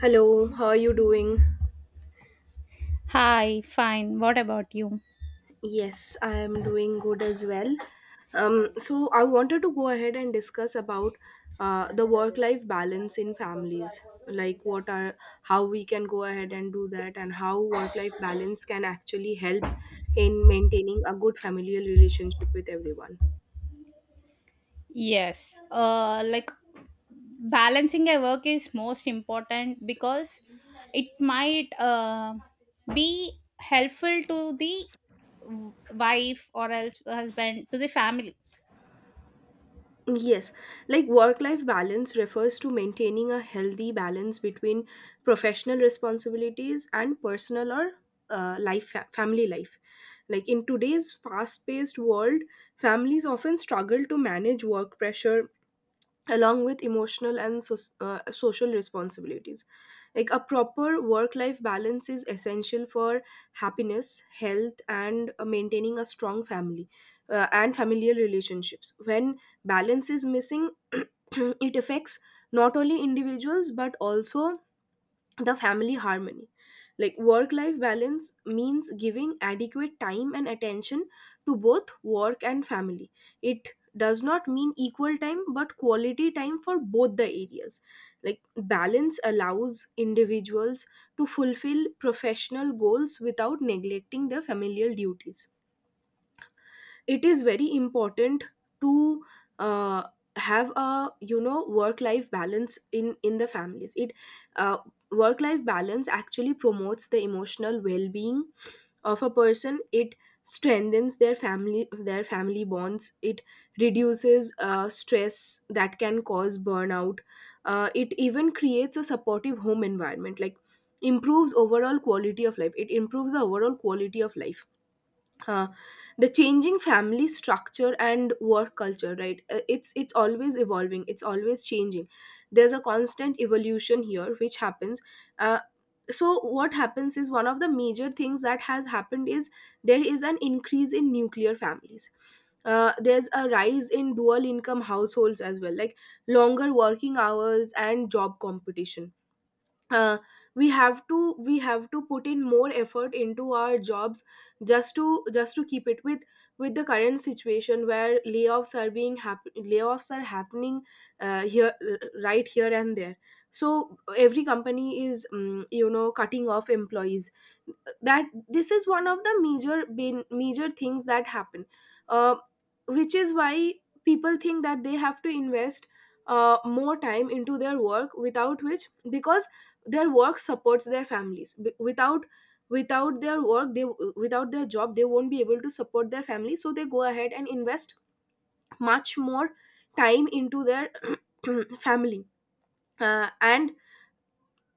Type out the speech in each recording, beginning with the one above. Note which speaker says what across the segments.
Speaker 1: Hello, how are you doing?
Speaker 2: Hi, fine. What about you?
Speaker 1: Yes, I am doing good as well. So I wanted to go ahead and discuss about the work-life balance in families. Like what are how we can go ahead and do that, and how work-life balance can actually help in maintaining a good familial relationship with everyone.
Speaker 2: Yes. Like balancing a work is most important because it might be helpful to the wife or else husband to the family.
Speaker 1: Yes, like work life balance refers to maintaining a healthy balance between professional responsibilities and personal or family life. Like in today's fast paced world, families often struggle to manage work pressure, along with emotional and social responsibilities. Like a proper work life balance is essential for happiness, health and maintaining a strong family and familial relationships. When balance is missing it affects not only individuals but also the family harmony. Like work life balance means giving adequate time and attention to both work and family. It does not mean equal time but quality time for both the areas. Like balance allows individuals to fulfill professional goals without neglecting their familial duties. It is very important to uh, have a work life balance in the families. It uh, Work life balance actually promotes the emotional well being of a person. It strengthens their family bonds. It reduces stress that can cause burnout. It even creates a supportive home environment, like improves overall quality of life. It improves the overall quality of life uh, the changing family structure and work culture, right? It's always evolving, it's always changing. There's a constant evolution here which happens. uh, so what happens is, one of the major things that has happened is there is an increase in nuclear families. There's a rise in dual income households as well, like longer working hours and job competition. uh, we have to put in more effort into our jobs, just to keep it with the current situation where layoffs are happening here, right, here and there. So every company is cutting off employees. That This is one of the major major things that happen. uh, which is why people think that they have to invest more time into their work, without which, because their work supports their families. Without, without their work they, without their job, they won't be able to support their family. So they go ahead and invest much more time into their family. And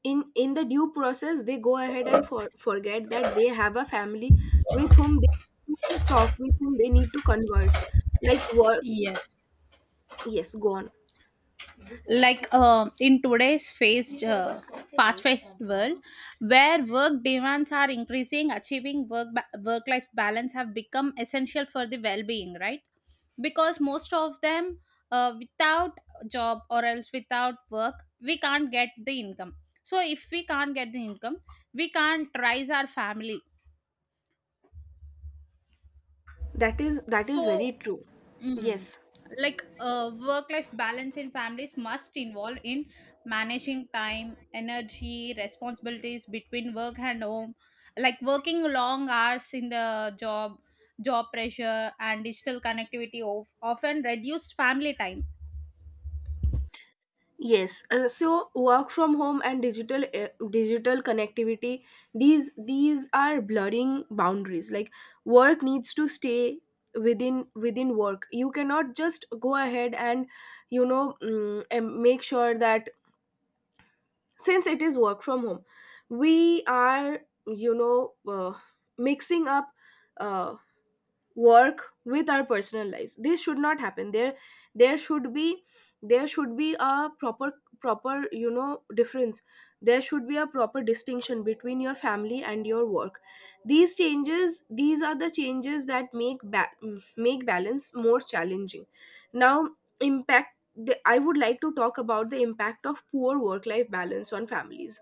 Speaker 1: in the due process they go ahead and forget that they have a family with whom they need to talk, with whom they need to converse. Like work,
Speaker 2: Yes.
Speaker 1: yes, go on.
Speaker 2: Like in today's fast fast paced world where work demands are increasing, achieving work life balance have become essential for the well being, right? Because most of them, without job or else without work, we can't get the income. So if we can't get the income, we can't raise our family.
Speaker 1: That is that is very
Speaker 2: So
Speaker 1: true.
Speaker 2: mm.
Speaker 1: Yes.
Speaker 2: Like work life balance in families must involve in managing time, energy, responsibilities between work and home, like working long hours in the job, job pressure, and digital connectivity of, often reduce family time.
Speaker 1: Yes, so work from home and digital digital connectivity, these are blurring boundaries. Like work needs to stay within work. You cannot just go ahead and and make sure that since it is work from home, we are you know uh, mixing up. Uh, Work with our personal lives, this should not happen. There should be, there should be a proper, proper you know difference there should be a proper distinction between your family and your work. These are the changes that make make balance more challenging now. I would like to talk about the impact of poor work life balance on families.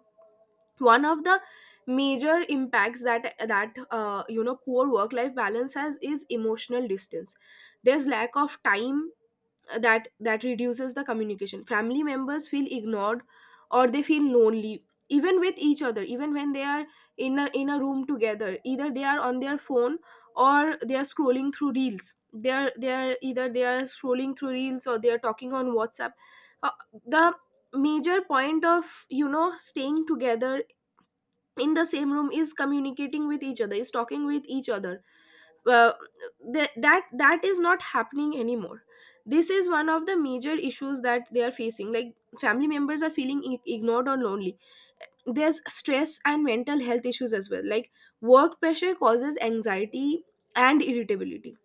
Speaker 1: One of the major impacts that that you know poor work life balance has is emotional distance. There's lack of time that reduces the communication. Family members feel ignored or they feel lonely even with each other, even when they are in a room together. Either they are on their phone or they are scrolling through reels, they are either they are scrolling through reels or they are talking on WhatsApp. uh, the major point of staying together in the same room is communicating with each other, is talking with each other. uh, that is not happening anymore. This is one of the major issues that they are facing. Like family members are feeling ignored or lonely. There's stress and mental health issues as well, like work pressure causes anxiety and irritability.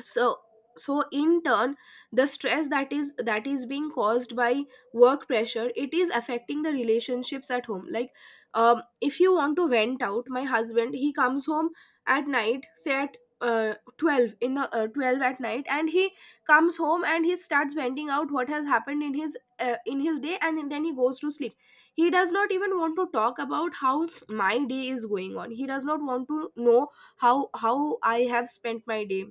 Speaker 1: So, so in turn, the stress that is being caused by work pressure, it is affecting the relationships at home. Like, if you want to vent out, my husband, he comes home at night, say at 12 in the 12 at night, and he comes home and he starts venting out what has happened in his day, and then he goes to sleep. He does not even want to talk about how my day is going on. He does not want to know how I have spent my day.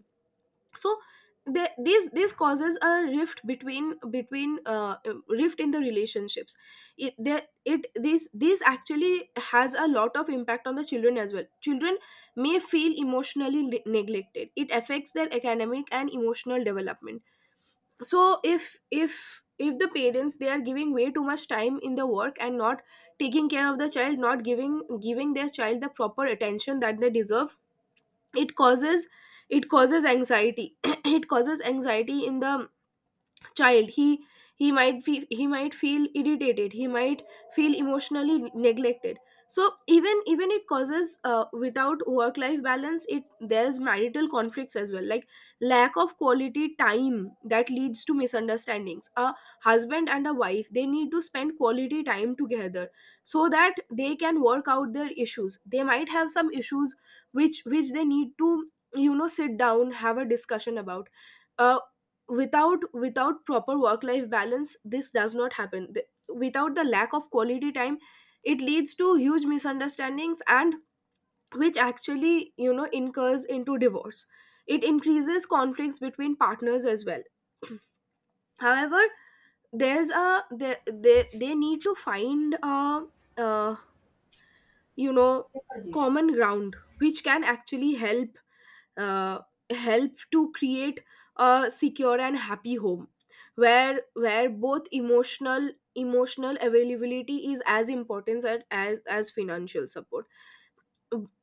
Speaker 1: So the these this causes a rift between, rift in the relationships. It that it this This actually has a lot of impact on the children as well. Children may feel emotionally neglected. It affects their academic and emotional development. So if the parents, they are giving way too much time in the work and not taking care of the child, not giving their child the proper attention that they deserve, it causes, it causes anxiety. It causes anxiety in the child. He, he might feel irritated. He might feel emotionally neglected. So even, even it causes, without work life balance, it there's marital conflicts as well. Like lack of quality time, that leads to misunderstandings. A husband and a wife, they need to spend quality time together so that they can work out their issues. They might have some issues which they need to, sit down, have a discussion about. Uh, Without, without proper work life balance, this does not happen. Without, the lack of quality time, it leads to huge misunderstandings, and which actually, incurs into divorce. It increases conflicts between partners as well. However, there's a, they need to find a uh, you know common ground which can actually help uh, help to create a secure and happy home, where both emotional, emotional availability is as important as, as financial support.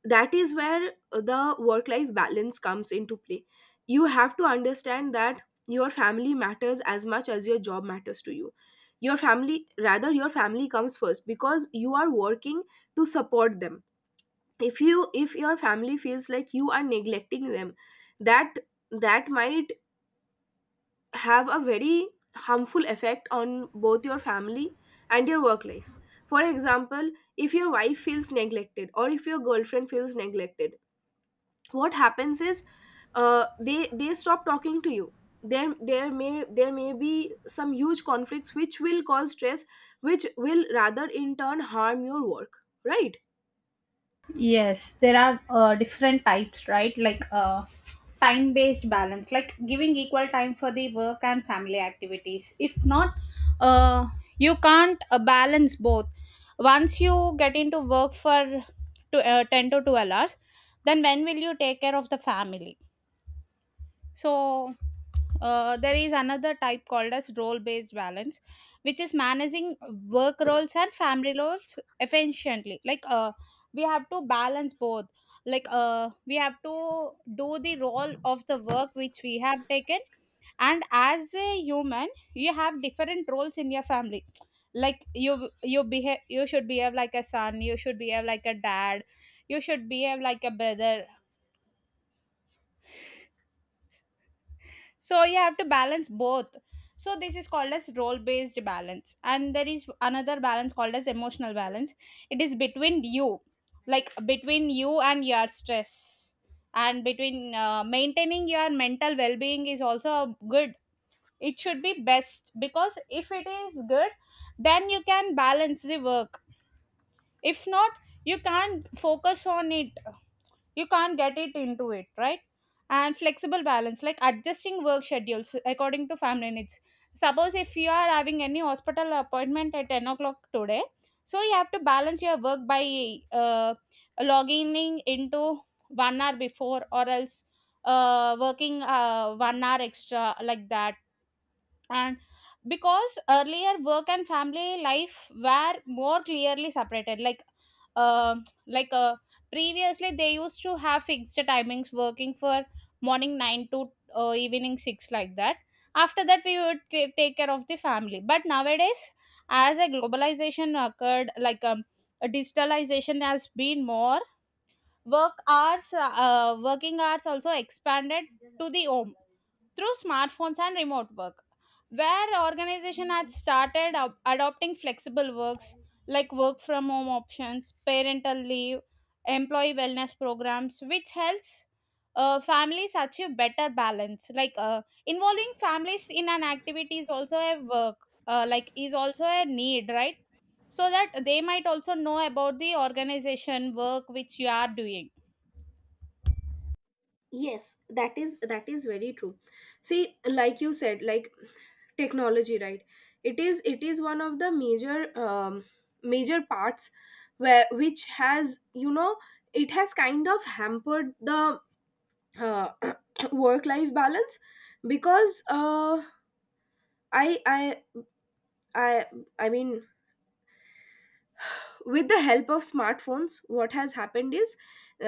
Speaker 1: That is where the work life balance comes into play. You have to understand that your family matters as much as your job matters to you. Your family, rather your family comes first, because you are working to support them. If you, if your family feels like you are neglecting them, that, that might have a very harmful effect on both your family and your work life. For example, if your wife feels neglected, or if your girlfriend feels neglected, what happens is they stop talking to you. There may, there may be some huge conflicts which will cause stress, which will rather in turn harm your work, right?
Speaker 2: Yes, there are different types, right? Like time based balance, like giving equal time for the work and family activities. If not, uh, you can't balance both. Once you get into work for 10 to 12 hours, then when will you take care of the family? So there is another type called as role based balance, which is managing work roles and family roles efficiently. Like we have to balance both. Like we have to do the role of the work which we have taken, and as a human, you have different roles in your family. Like you behave you should behave like a son, you should behave like a dad, you should behave like a brother. So you have to balance both. So this is called as role based balance, and there is another balance called as emotional balance. It is between you, like between you and your stress, and between maintaining your mental well-being is also good. It should be best because if it is good, then you can balance the work. If not, you can't focus on it, you can't get it into it, right? And flexible balance, like adjusting work schedules according to family needs. Suppose if you are having any hospital appointment at 10 o'clock today, so you have to balance your work by uh, logging into 1 hour before or else working 1 hour extra like that. And because earlier work and family life were more clearly separated, like um like uh, previously they used to have fixed timings working for morning 9 to evening 6 like that. After that we would take care of the family, but nowadays, as a globalization occurred, like a digitalization has been more, work hours working hours also expanded to the home through smartphones and remote work, where organization had started up adopting flexible works like work from home options, parental leave, employee wellness programs, which helps families achieve better balance. Like involving families in an activity is also a work, is also a need, right? So that they might also know about the organization work which you are doing.
Speaker 1: Yes, that is very true. See, like you said, like technology, right? It is, it is one of the major, major parts where, which has, it has kind of hampered the uh, work life balance. Because i i i I mean, with the help of smartphones, what has happened is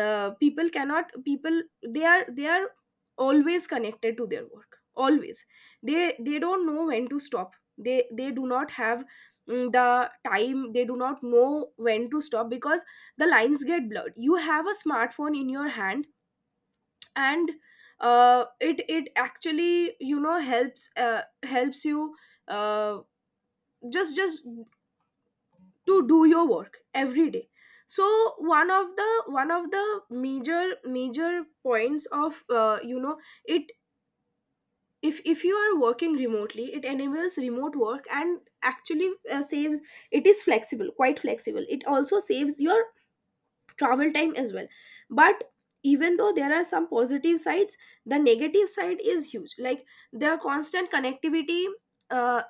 Speaker 1: people cannot people, they are always connected to their work, always. They don't know when to stop. They do not have, the time. They do not know when to stop, because the lines get blurred. You have a smartphone in your hand and it, it actually, helps, helps you uh, just to do your work every day. So one of the major, major points of it, if you are working remotely, it enables remote work, and actually, saves, it is flexible, quite flexible. It also saves your travel time as well. But even though there are some positive sides, the negative side is huge. Like their constant connectivity, uh,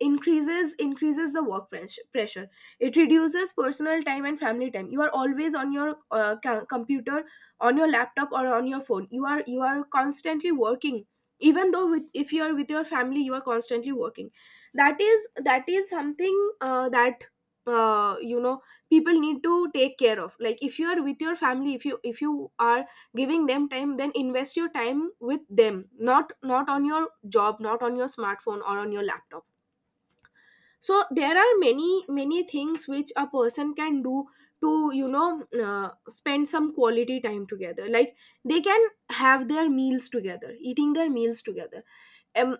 Speaker 1: increases the work pressure. It reduces personal time and family time. You are always on your computer, on your laptop or on your phone. You are, you are constantly working. Even though if you are with your family, you are constantly working. That is, that is something that uh, you know people need to take care of. Like if you are with your family, if you, if you are giving them time, then invest your time with them, not on your job, not on your smartphone or on your laptop. So there are many, many things which a person can do to, spend some quality time together. Like they can have their meals together, eating their meals together. Um,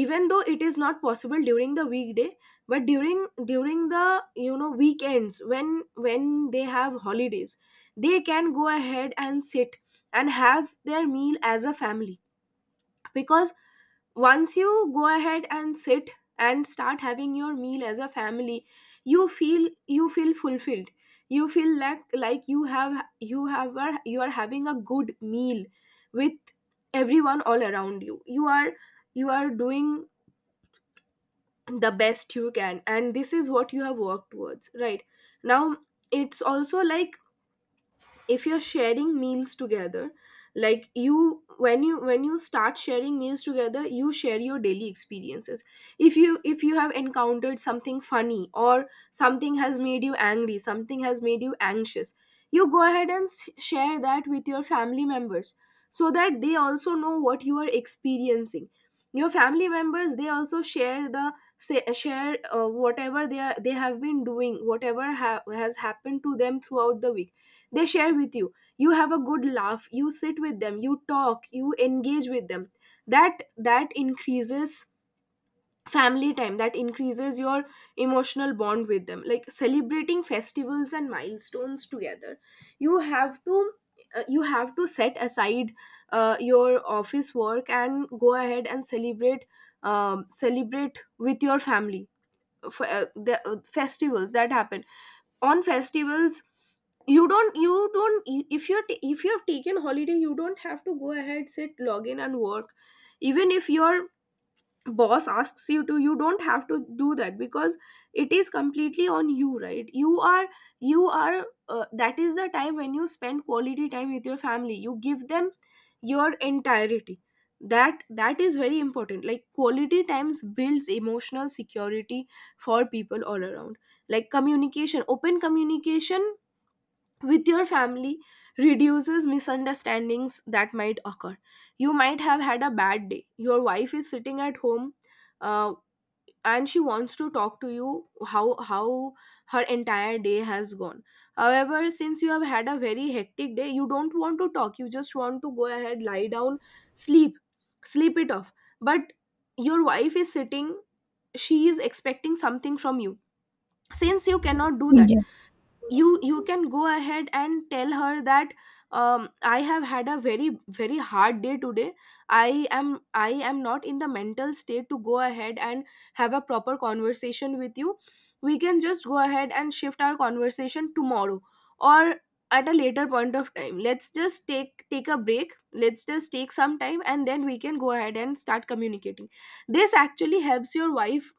Speaker 1: even though it is not possible during the weekday, but during the weekends when they have holidays. They can go ahead and sit and have their meal as a family, because once you go ahead and sit and start having your meal as a family, you feel fulfilled. You feel like you are having a good meal with everyone all around You are doing the best you can, and this is what you have worked towards, right? Now it's also like, if you're sharing meals together, like you when you when you start sharing meals together, you share your daily experiences. If you have encountered something funny, or something has made you angry, something has made you anxious, you go ahead and share that with your family members, so that they also know what you are experiencing. Your family members, they also share whatever they have been doing, whatever has happened to them throughout the week. They share with you. You have a good laugh, you sit with them, you talk, you engage with them. That increases family time, that increases your emotional bond with them, like celebrating festivals and milestones together. You have to uh, you have to set aside your office work and go ahead and celebrate, celebrate with your family. The festivals that happen on festivals, you don't, if you have taken holiday, you don't have to go ahead, sit, log in, and work, even if your boss asks you to. You don't have to do that, because it is completely on you, right? You are That is the time when you spend quality time with your family, you give them your entirety. That is very important, like quality times builds emotional security for people all around, like communication, open communication with your family reduces misunderstandings that might occur. You might have had a bad day. Your wife is sitting at home, uh, and she wants to talk to you, how her entire day has gone. However, since you have had a very hectic day, you don't want to talk. You just want to go ahead, lie down, sleep, sleep it off. But your wife is sitting, she is expecting something from you. Since you cannot do that,
Speaker 2: Yeah.
Speaker 1: you can go ahead and tell her that, I have had a very hard day today, i am not in the mental state to go ahead and have a proper conversation with you. We can just go ahead and shift our conversation tomorrow, or at a later point of time. Let's just take a break, let's just take some time, and then we can go ahead and start communicating. This actually helps your wife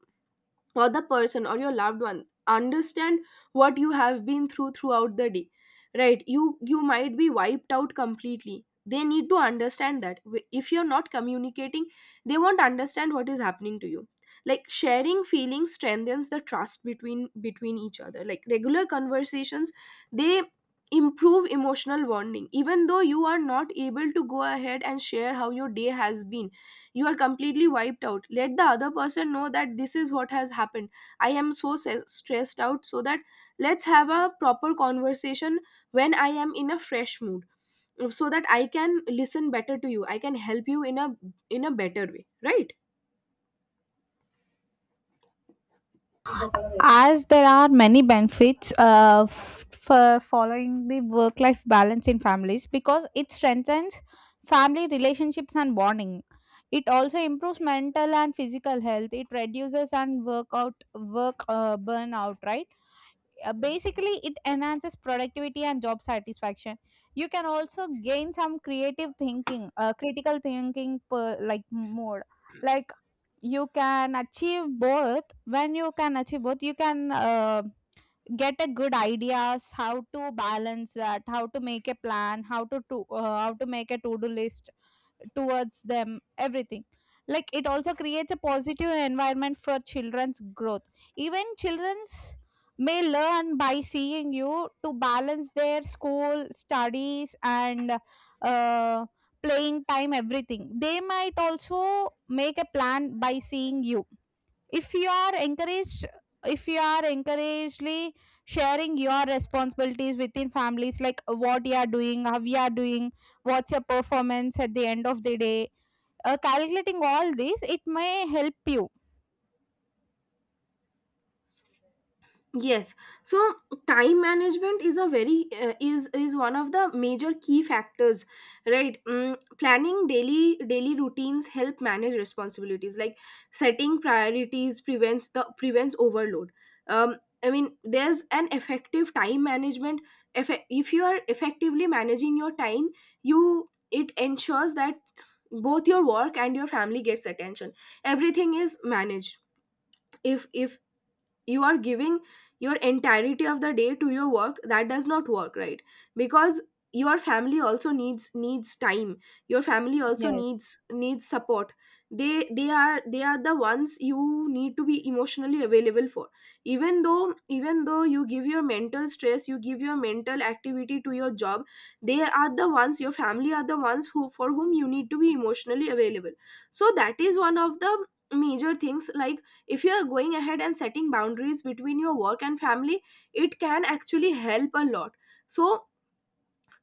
Speaker 1: or the person or your loved one understand what you have been through throughout the day, right? You might be wiped out completely, they need to understand that. If you're not communicating, they won't understand what is happening to you, like sharing feelings strengthens the trust between each other, like regular conversations, they improve emotional bonding. Even though you are not able to go ahead and share how your day has been, you are completely wiped out, let the other person know that this is what has happened. I am so se- stressed out, so that let's have a proper conversation when I am in a fresh mood, so that I can listen better to you, I can help you in a better way, right?
Speaker 2: As there are many benefits for following the work life balance in families, because it strengthens family relationships and bonding. It also improves mental and physical health. It reduces and work burnout, right? Basically it enhances productivity and job satisfaction. You can also gain some creative thinking, critical thinking like mode. Like you can achieve both. When you can achieve both, you can get a good ideas how to balance that, how to make a plan, to how to make a to do list towards them, everything. Like it also creates a positive environment for children's growth. Even children's may learn by seeing you to balance their school studies and uh, playing time, everything. They might also make a plan by seeing you. if you are encouraged if you are encouragedly sharing your responsibilities within families, like what you are doing, how you are doing, what's your performance at the end of the day, calculating all this, it may help you.
Speaker 1: Yes. So time management is a very is one of the major key factors, right? Planning daily routines help manage responsibilities, like setting priorities prevents overload. um I mean, there's an effective time management. If you are effectively managing your time, you, it ensures that both your work and your family gets attention, everything is managed. If you are giving your entirety of the day to your work, that does not work, right? Because your family also needs time, your family also needs support. They are the ones you need to be emotionally available for. Even though you give your mental stress, you give your mental activity to your job, they are the ones, your family are the ones, who for whom you need to be emotionally available. So that is one of the major things, like if you are going ahead and setting boundaries between your work and family, it can actually help a lot. So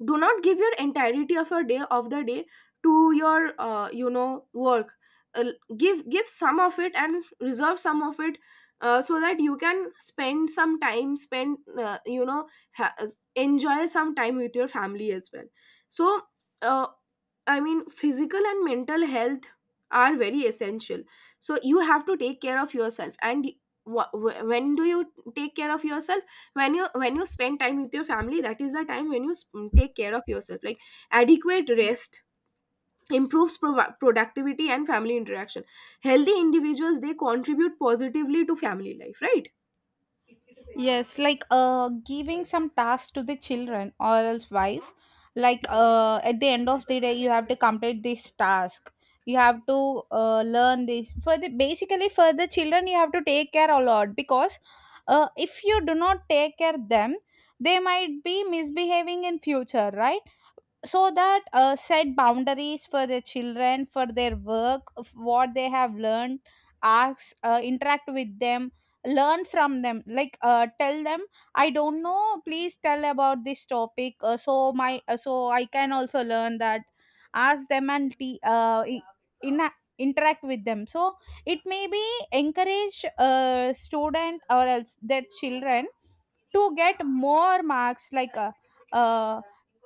Speaker 1: do not give your entirety of your day of the day to your work. Uh, give give some of it and reserve some of it, so that you can spend some time, spend you know ha- enjoy some time with your family as well. So, uh, I mean, physical and mental health are very essential. So you have to take care of yourself, and when do you take care of yourself? When you spend time with your family, that is the time when you take care of yourself, like adequate
Speaker 2: Yes.
Speaker 1: rest improves productivity and family interaction. Healthy individuals, they contribute positively to family life, right?
Speaker 2: Yes, like giving some tasks to the children or else wife. Like at the end of the day, you have to complete this task. You have to learn this for the basically for the children. You have to take care a lot because if you do not take care them, they might be misbehaving in future, right? So that set boundaries for their children for their work of what they have learned. Ask, interact with them, learn from them. Like tell them I don't know, please tell about this topic, so I can also learn that. Ask them and te- I- in interact with them. So it may be encourage a student or else their children to get more marks, like uh,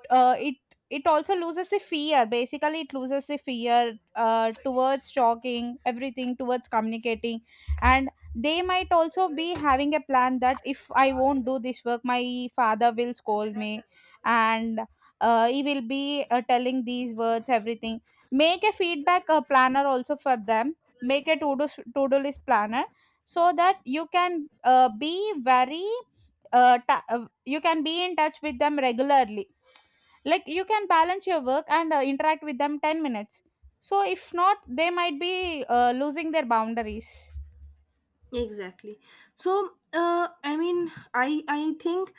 Speaker 2: uh, it it also loses the fear, basically it loses the fear towards talking everything, towards communicating. And they might also be having a plan that if I won't do this work, my father will scold me, and he will be telling these words, everything. Make a feedback planner also for them. Make a to do list planner, so that you can be very you can be in touch with them regularly. Like you can balance your work and interact with them 10 minutes. So if not, they might be losing their boundaries.
Speaker 1: Exactly. So, I mean, i think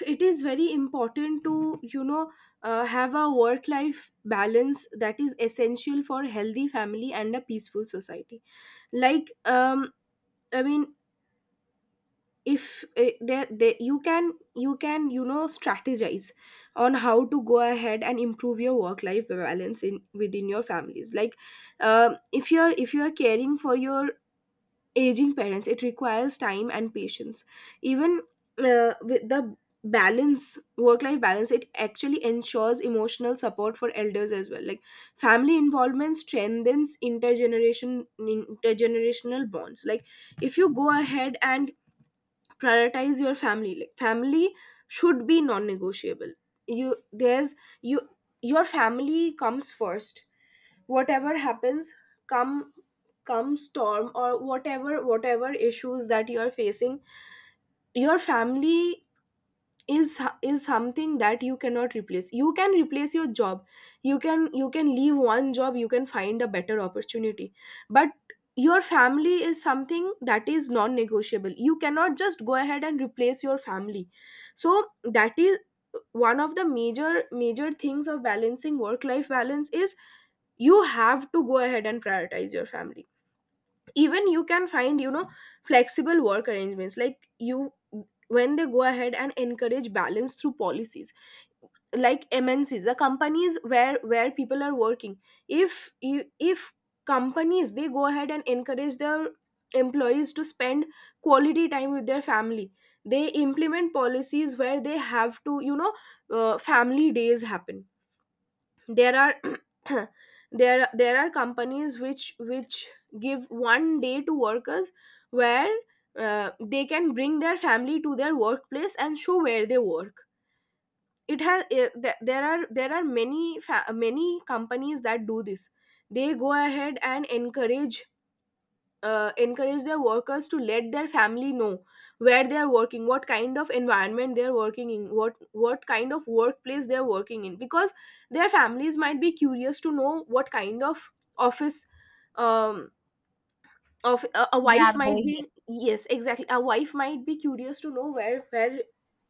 Speaker 1: it is very important to, you know have a work life balance that is essential for healthy family and a peaceful society. Like, um I mean, if eh, there they, you can you can you know strategize on how to go ahead and improve your work life balance in within your families, like if you're caring for your aging parents, it requires time and patience. Even with the balance work life balance, it actually ensures emotional support for elders as well, like family involvement strengthens intergenerational bonds. Like, if you go ahead and prioritize your family, like family should be non-negotiable. You there's you Your family comes first, whatever happens, come come storm or whatever issues that you are facing, your family is something that you cannot replace. You can replace your job, you can leave one job, you can find a better opportunity. But your family is something that is non negotiable, you cannot just go ahead and replace your family. So that is one of the major things of balancing work life balance is, you have to go ahead and prioritize your family. Even you can find, flexible work arrangements, like you, when they go ahead and encourage balance through policies, like MNCs, the companies where people are working. If companies, they go ahead and encourage their employees to spend quality time with their family, they implement policies where they have to, family days happen. There are there are companies which give one day to workers, where they can bring their family to their workplace and show where they work. It has eh, th- there are there are many many companies that do this. They go ahead and encourage their workers to let their family know where they are working, what kind of environment they are working in, what kind of workplace they are working in, because their families might be curious to know what kind of office. Um of a
Speaker 2: They
Speaker 1: wife
Speaker 2: are
Speaker 1: might
Speaker 2: going.
Speaker 1: be Yes, exactly, a wife might be curious to know where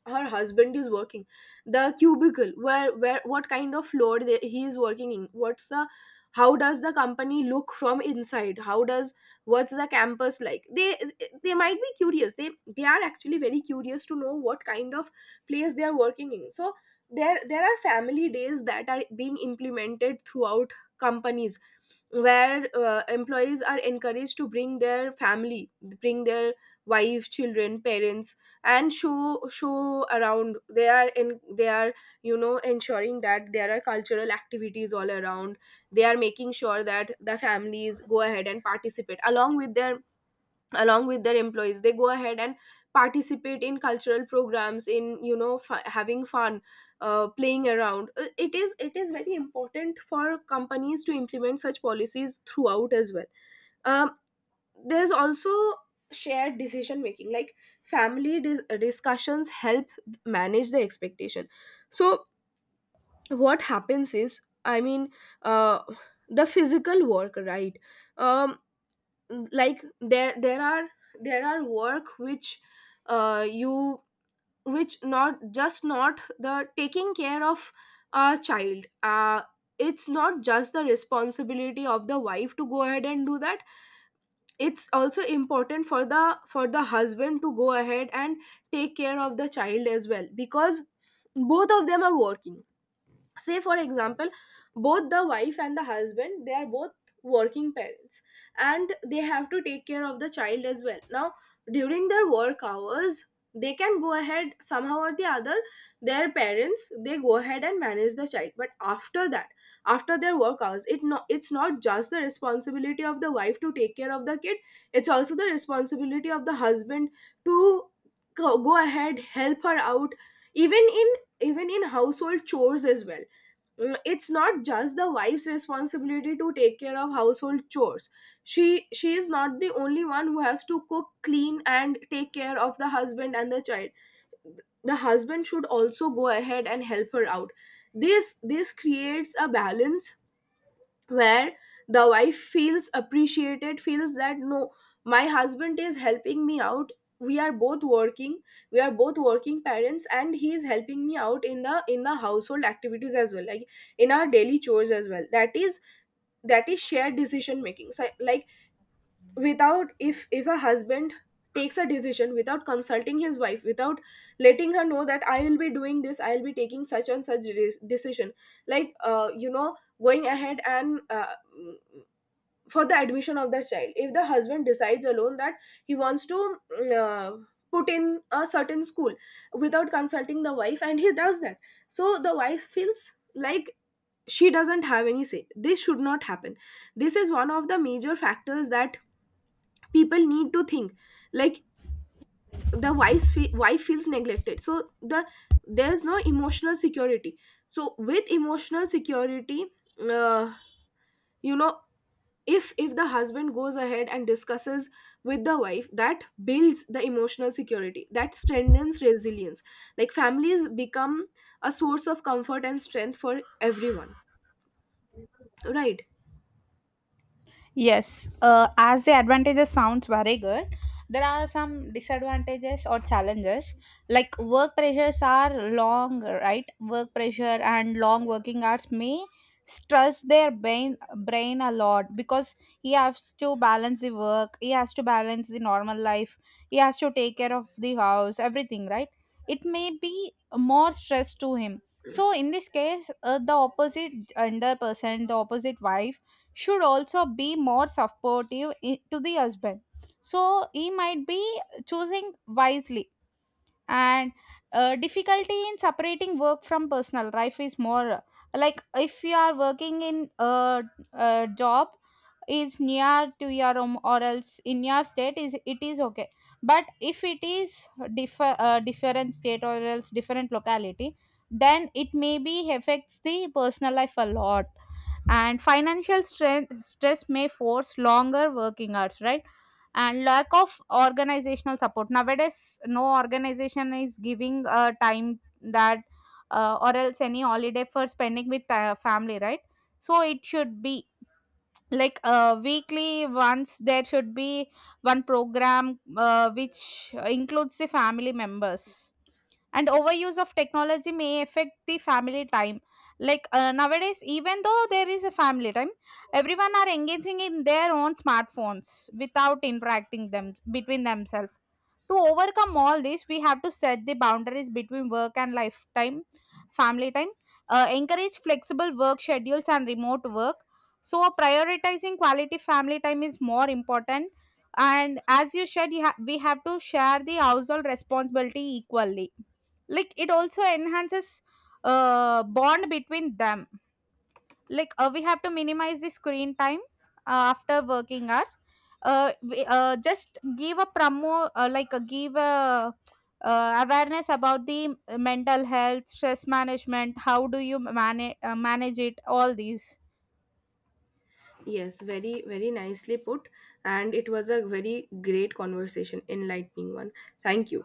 Speaker 1: her husband is working, the cubicle, where, what kind of floor he is working in, what's the, how does the company look from inside, how does, what's the campus like. They They might be curious, they are actually very curious to know what kind of place they are working in. So there are family days that are being implemented throughout companies, where employees are encouraged to bring their family, bring their wife, children, parents, and show, around. They are in, they are, ensuring that there are cultural activities all around. They are making sure that the families go ahead and participate along with their, along with their employees. They go ahead and participate in cultural programs, in having fun, playing around. It is very important for companies to implement such policies throughout as well. um, there's also shared decision making, like family discussions help manage the expectation. So what happens is, I mean, uh, the physical work, right? um, like there are, there are work which you which, not just, not the taking care of a child. It's not just the responsibility of the wife to go ahead and do that. It's also important for the husband to go ahead and take care of the child as well, because both of them are working. Say for example, both the wife and the husband, they are both working parents, and they have to take care of the child as well. Now during their work hours, they can go ahead somehow or the other, their parents, they go ahead and manage the child. But after that, after their work hours, it, no, it's not just the responsibility of the wife to take care of the kid, it's also the responsibility of the husband to go ahead, help her out, even in, even in household chores as well. Mm, it's not just the wife's responsibility to take care of household chores. She is not the only one who has to cook, clean, and take care of the husband and the child. The husband should also go ahead and help her out. This creates a balance, where the wife feels appreciated, feels that no, my husband is helping me out, we are both working, we are both working parents, and he is helping me out in the, in the household activities as well, like in our daily chores as well. That is that is shared decision making. So, like, without, if, if a husband takes a decision without consulting his wife, without letting her know that, I will be doing this, I will be taking such and such decision, like going ahead and, for the admission of that child, if the husband decides alone that he wants to put in a certain school without consulting the wife, and he does that, so the wife feels like she doesn't have any say. This should not happen. This is one of the major factors that people need to think, like the wife feels neglected, so the, there's no emotional security. So with emotional security, uh, you know if the husband goes ahead and discusses with the wife, that builds the emotional security, that strengthens resilience. Like families become a source of comfort and strength for everyone, right?
Speaker 2: Yes, as the advantages sounds very good, there are some disadvantages or challenges. Like work pressures are long, right? Work pressure and long working hours may stress their brain a lot because he has to balance the work, he has to balance the normal life, he has to take care of the house, everything, right? It may be more stress to him. So in this case, the opposite gender person, the opposite wife should also be more supportive to the husband, so he might be choosing wisely. And difficulty in separating work from personal life is more, like if you are working in a job is near to your home or else in your state, is it is okay. But if it is different state or else different locality, then it maybe affects the personal life a lot. And financial strength, stress may force longer working hours, right? And lack of organizational support, nowadays no organization is giving a time that or else any holiday for spending with family, right? So it should be like, weekly once there should be one program which includes the family members. And overuse of technology may affect the family time. Like nowadays, even though there is a family time, everyone are engaging in their own smartphones without interacting them between themselves. To overcome all this, we have to set the boundaries between work and lifetime, family time. Encourage flexible work schedules and remote work. So prioritizing quality family time is more important. And as you said, we have to share the household responsibility equally. Like it also enhances bond between them. Like we have to minimize the screen time after working hours. We just give a promo, give a awareness about the mental health, stress management. How do you manage manage it? All these.
Speaker 1: Yes, very nicely put, and it was a very great conversation, enlightening one. Thank you.